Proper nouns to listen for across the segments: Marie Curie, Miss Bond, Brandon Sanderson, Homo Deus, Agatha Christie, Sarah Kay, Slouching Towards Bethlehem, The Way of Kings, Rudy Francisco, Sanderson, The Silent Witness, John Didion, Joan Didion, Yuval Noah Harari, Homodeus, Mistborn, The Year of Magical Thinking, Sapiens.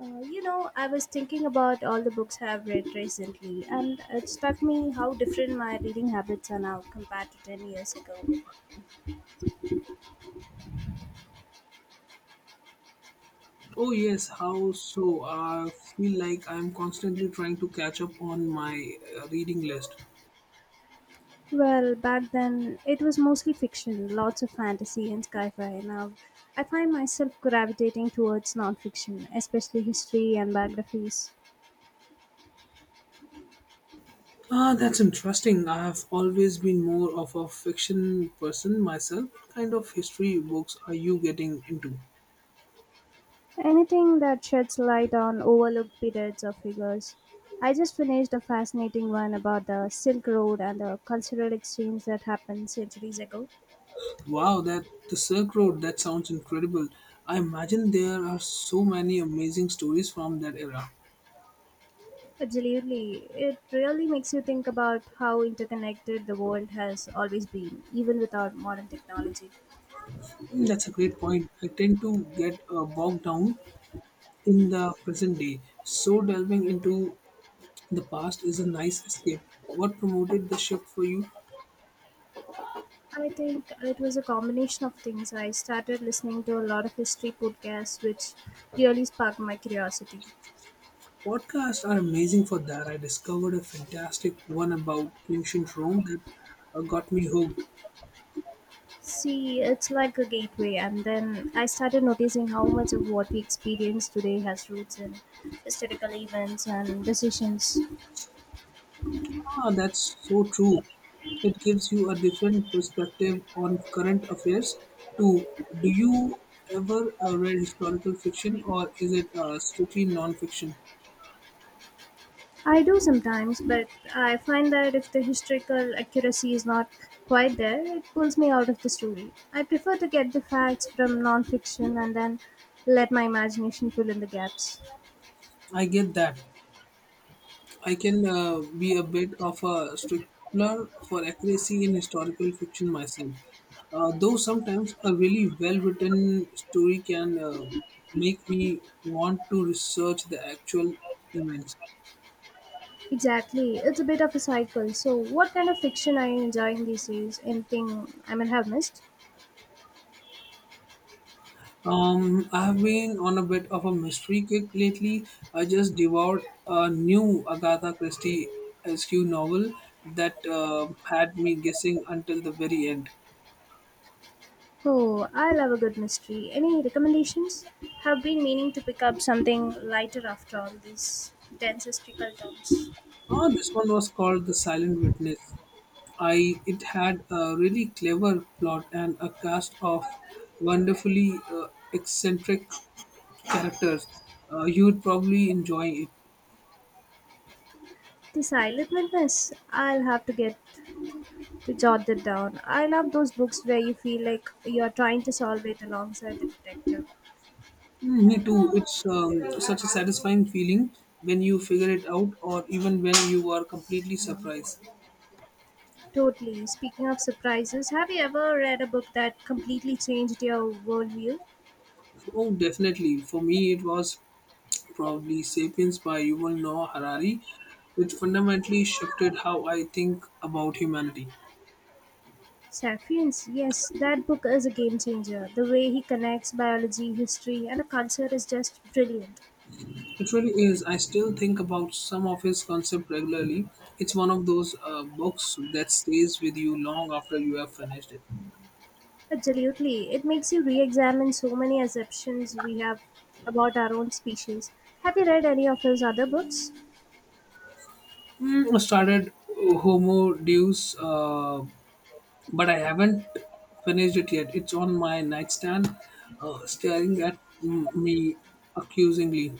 Uh, I was thinking about all the books I've read recently, and it struck me how different my reading habits are now compared to 10 years ago. Oh, yes, how so? I feel like I'm constantly trying to catch up on my reading list. Well, back then, it was mostly fiction, lots of fantasy and sci fi. Now, I find myself gravitating towards nonfiction, especially history and biographies. Ah, that's interesting. I have always been more of a fiction person myself. What kind of history books are you getting into? Anything that sheds light on overlooked periods or figures. I just finished a fascinating one about the Silk Road and the cultural exchange that happened centuries ago. Wow, that the Silk Road, that sounds incredible. I imagine there are so many amazing stories from that era. Absolutely. It really makes you think about how interconnected the world has always been, even without modern technology. Mm, that's a great point. I tend to get bogged down in the present day, so delving into the past is a nice escape. What promoted the shift for you? I think it was a combination of things. I started listening to a lot of history podcasts, which really sparked my curiosity. Podcasts are amazing for that. I discovered a fantastic one about ancient Rome that got me hooked. See, it's like a gateway, and then I started noticing how much of what we experience today has roots in historical events and decisions. Ah, that's so true. It gives you a different perspective on current affairs too. Do you ever read historical fiction, or is it strictly non-fiction? I do sometimes, but I find that if the historical accuracy is not quite there, it pulls me out of the story. I prefer to get the facts from nonfiction and then let my imagination fill in the gaps. I get that. I can be a bit of a stickler for accuracy in historical fiction myself, though sometimes a really well written story can make me want to research the actual events. Exactly, it's a bit of a cycle. So, what kind of fiction are you enjoying these days? Anything I might have missed? I have been on a bit of a mystery kick lately. I just devoured a new Agatha Christie SQ novel that had me guessing until the very end. Oh, I love a good mystery. Any recommendations? Have been meaning to pick up something lighter after all these dense historical terms. Ah, this one was called The Silent Witness. I It had a really clever plot and a cast of wonderfully eccentric characters. You would probably enjoy it. The Silent Witness. I'll have to get to jot that down. I love those books where you feel like you're trying to solve it alongside the detective. Mm, me too. It's such a satisfying feeling when you figure it out, or even when you are completely surprised. Totally. Speaking of surprises, have you ever read a book that completely changed your worldview? Oh, definitely. For me, it was probably *Sapiens* by Yuval Noah Harari, which fundamentally shifted how I think about humanity. Sapiens, yes, that book is a game changer. The way he connects biology, history, and the culture is just brilliant. It really is. I still think about some of his concept regularly. It's one of those books that stays with you long after you have finished it. Absolutely. It makes you re examine so many assumptions we have about our own species. Have you read any of his other books? Mm, I started Homo Deus, but I haven't finished it yet. It's on my nightstand, staring at me accusingly.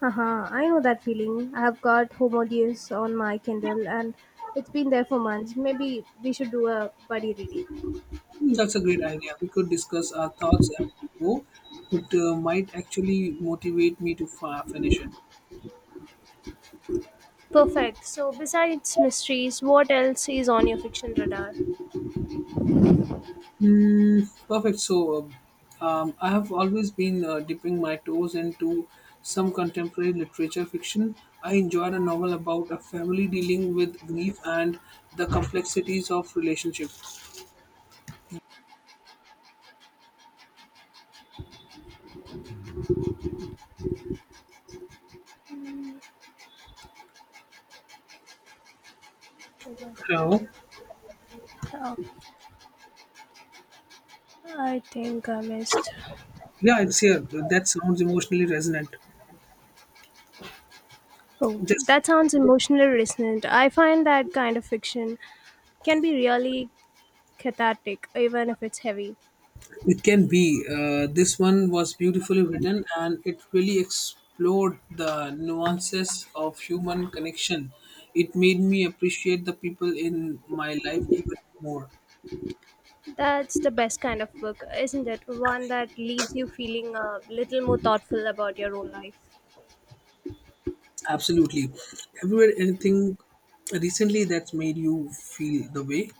Haha, I know that feeling. I have got Homodeus on my Kindle and it's been there for months. Maybe we should do a buddy reading. Mm, that's a great idea. We could discuss our thoughts as we go. It might actually motivate me to finish it. Perfect. So, besides mysteries, what else is on your fiction radar? Hmm. Perfect. So, I have always been dipping my toes into some contemporary literature fiction. I enjoyed a novel about a family dealing with grief and the complexities of relationship. Hello. Oh, I think I missed. Yeah, it's here. That sounds emotionally resonant. Oh, Just that sounds emotionally resonant. I find that kind of fiction can be really cathartic, even if it's heavy. it can be. This one was beautifully written, and it really explored the nuances of human connection. It made me appreciate the people in my life even more. That's the best kind of book, isn't it? One that leaves you feeling a little more thoughtful about your own life. Absolutely. Have you read anything recently that's made you feel the way?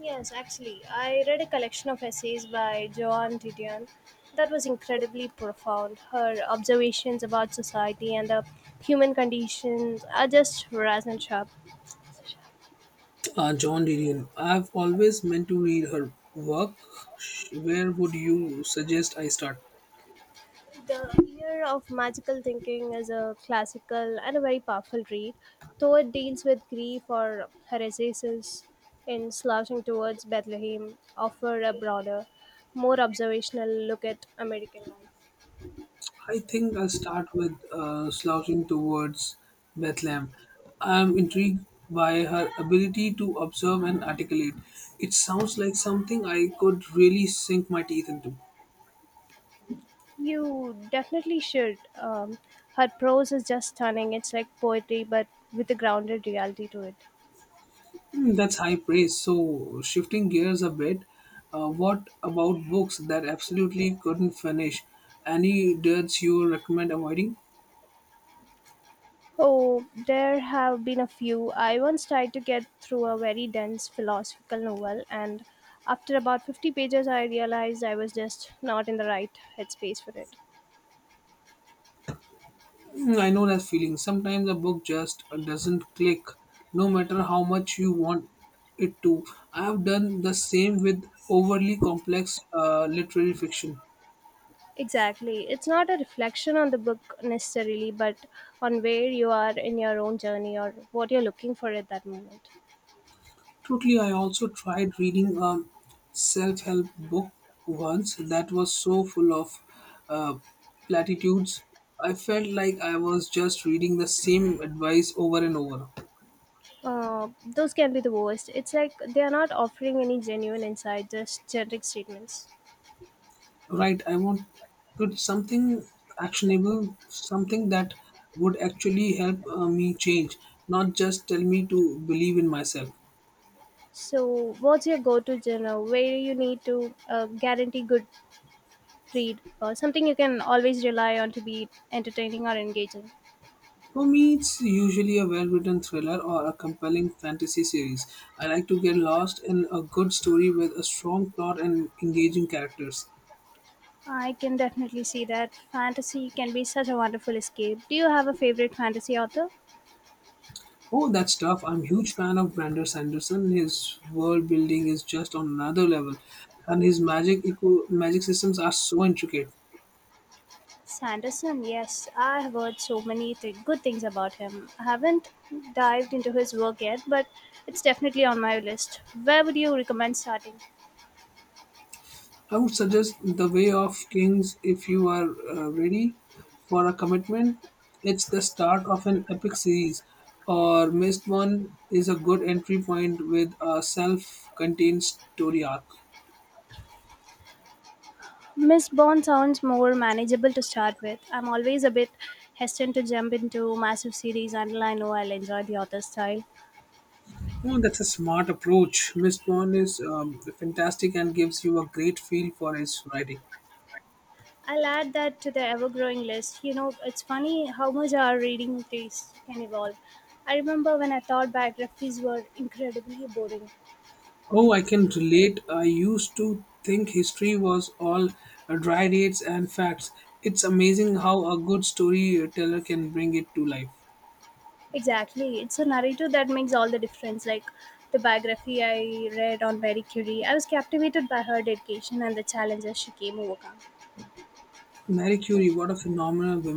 Yes, actually, I read a collection of essays by Joan Didion that was incredibly profound. Her observations about society and the human conditions are just razor sharp. John Didion. I've always meant to read her work. Where would you suggest I start? The Year of Magical Thinking is a classical and a very powerful read, though it deals with grief or her essays in Slouching Towards Bethlehem offer a broader, more observational look at American life. I think I'll start with Slouching Towards Bethlehem. I'm intrigued by her ability to observe and articulate. It sounds like something I could really sink my teeth into. You definitely should. Her prose is just stunning. It's like poetry, but with a grounded reality to it. Hmm, that's high praise. So, shifting gears a bit, what about books that absolutely couldn't finish? Any duds you recommend avoiding? Oh, there have been a few. I once tried to get through a very dense philosophical novel, and after about 50 pages, I realized I was just not in the right headspace for it. Hmm, I know that feeling. Sometimes a book just doesn't click, no matter how much you want it to. I have done the same with overly complex literary fiction. Exactly. It's not a reflection on the book necessarily, but on where you are in your own journey or what you're looking for at that moment. Totally, I also tried reading a self help book once that was so full of uh, platitudes. I felt like I was just reading the same advice over and over. Uh, those can be the worst. It's like they are not offering any genuine insight, just generic statements. Right, I wanted something actionable, something that would actually help me change, not just tell me to believe in myself. So, what's your go-to genre where you need to guarantee good read or something you can always rely on to be entertaining or engaging? For me, it's usually a well written thriller or a compelling fantasy series. I like to get lost in a good story with a strong plot and engaging characters. I can definitely see that fantasy can be such a wonderful escape. Do you have a favorite fantasy author? Oh, that stuff. I'm a huge fan of Brandon Sanderson. His world building is just on another level, and his magic systems are so intricate. Sanderson, yes, I have heard so many good things about him. I haven't dived into his work yet, but it's definitely on my list. Where would you recommend starting? I would suggest The Way of Kings if you are ready for a commitment. It's the start of an epic series, or Missed One is a good entry point with a self contained story arc. Miss Bond sounds more manageable to start with. I'm always a bit hesitant to jump into massive series until I know I'll enjoy the author's style. Oh, that's a smart approach. Missed One is fantastic and gives you a great feel for his writing. I'll add that to the ever growing list. You know, it's funny how much our reading tastes can evolve. I remember when I thought biographies were incredibly boring. Oh, I can relate. I used to think history was all dry dates and facts. It's amazing how a good storyteller can bring it to life. Exactly. It's a narrator that makes all the difference. Like the biography I read on Marie Curie, I was captivated by her dedication and the challenges she came overcome. Marie Curie, what a phenomenal woman!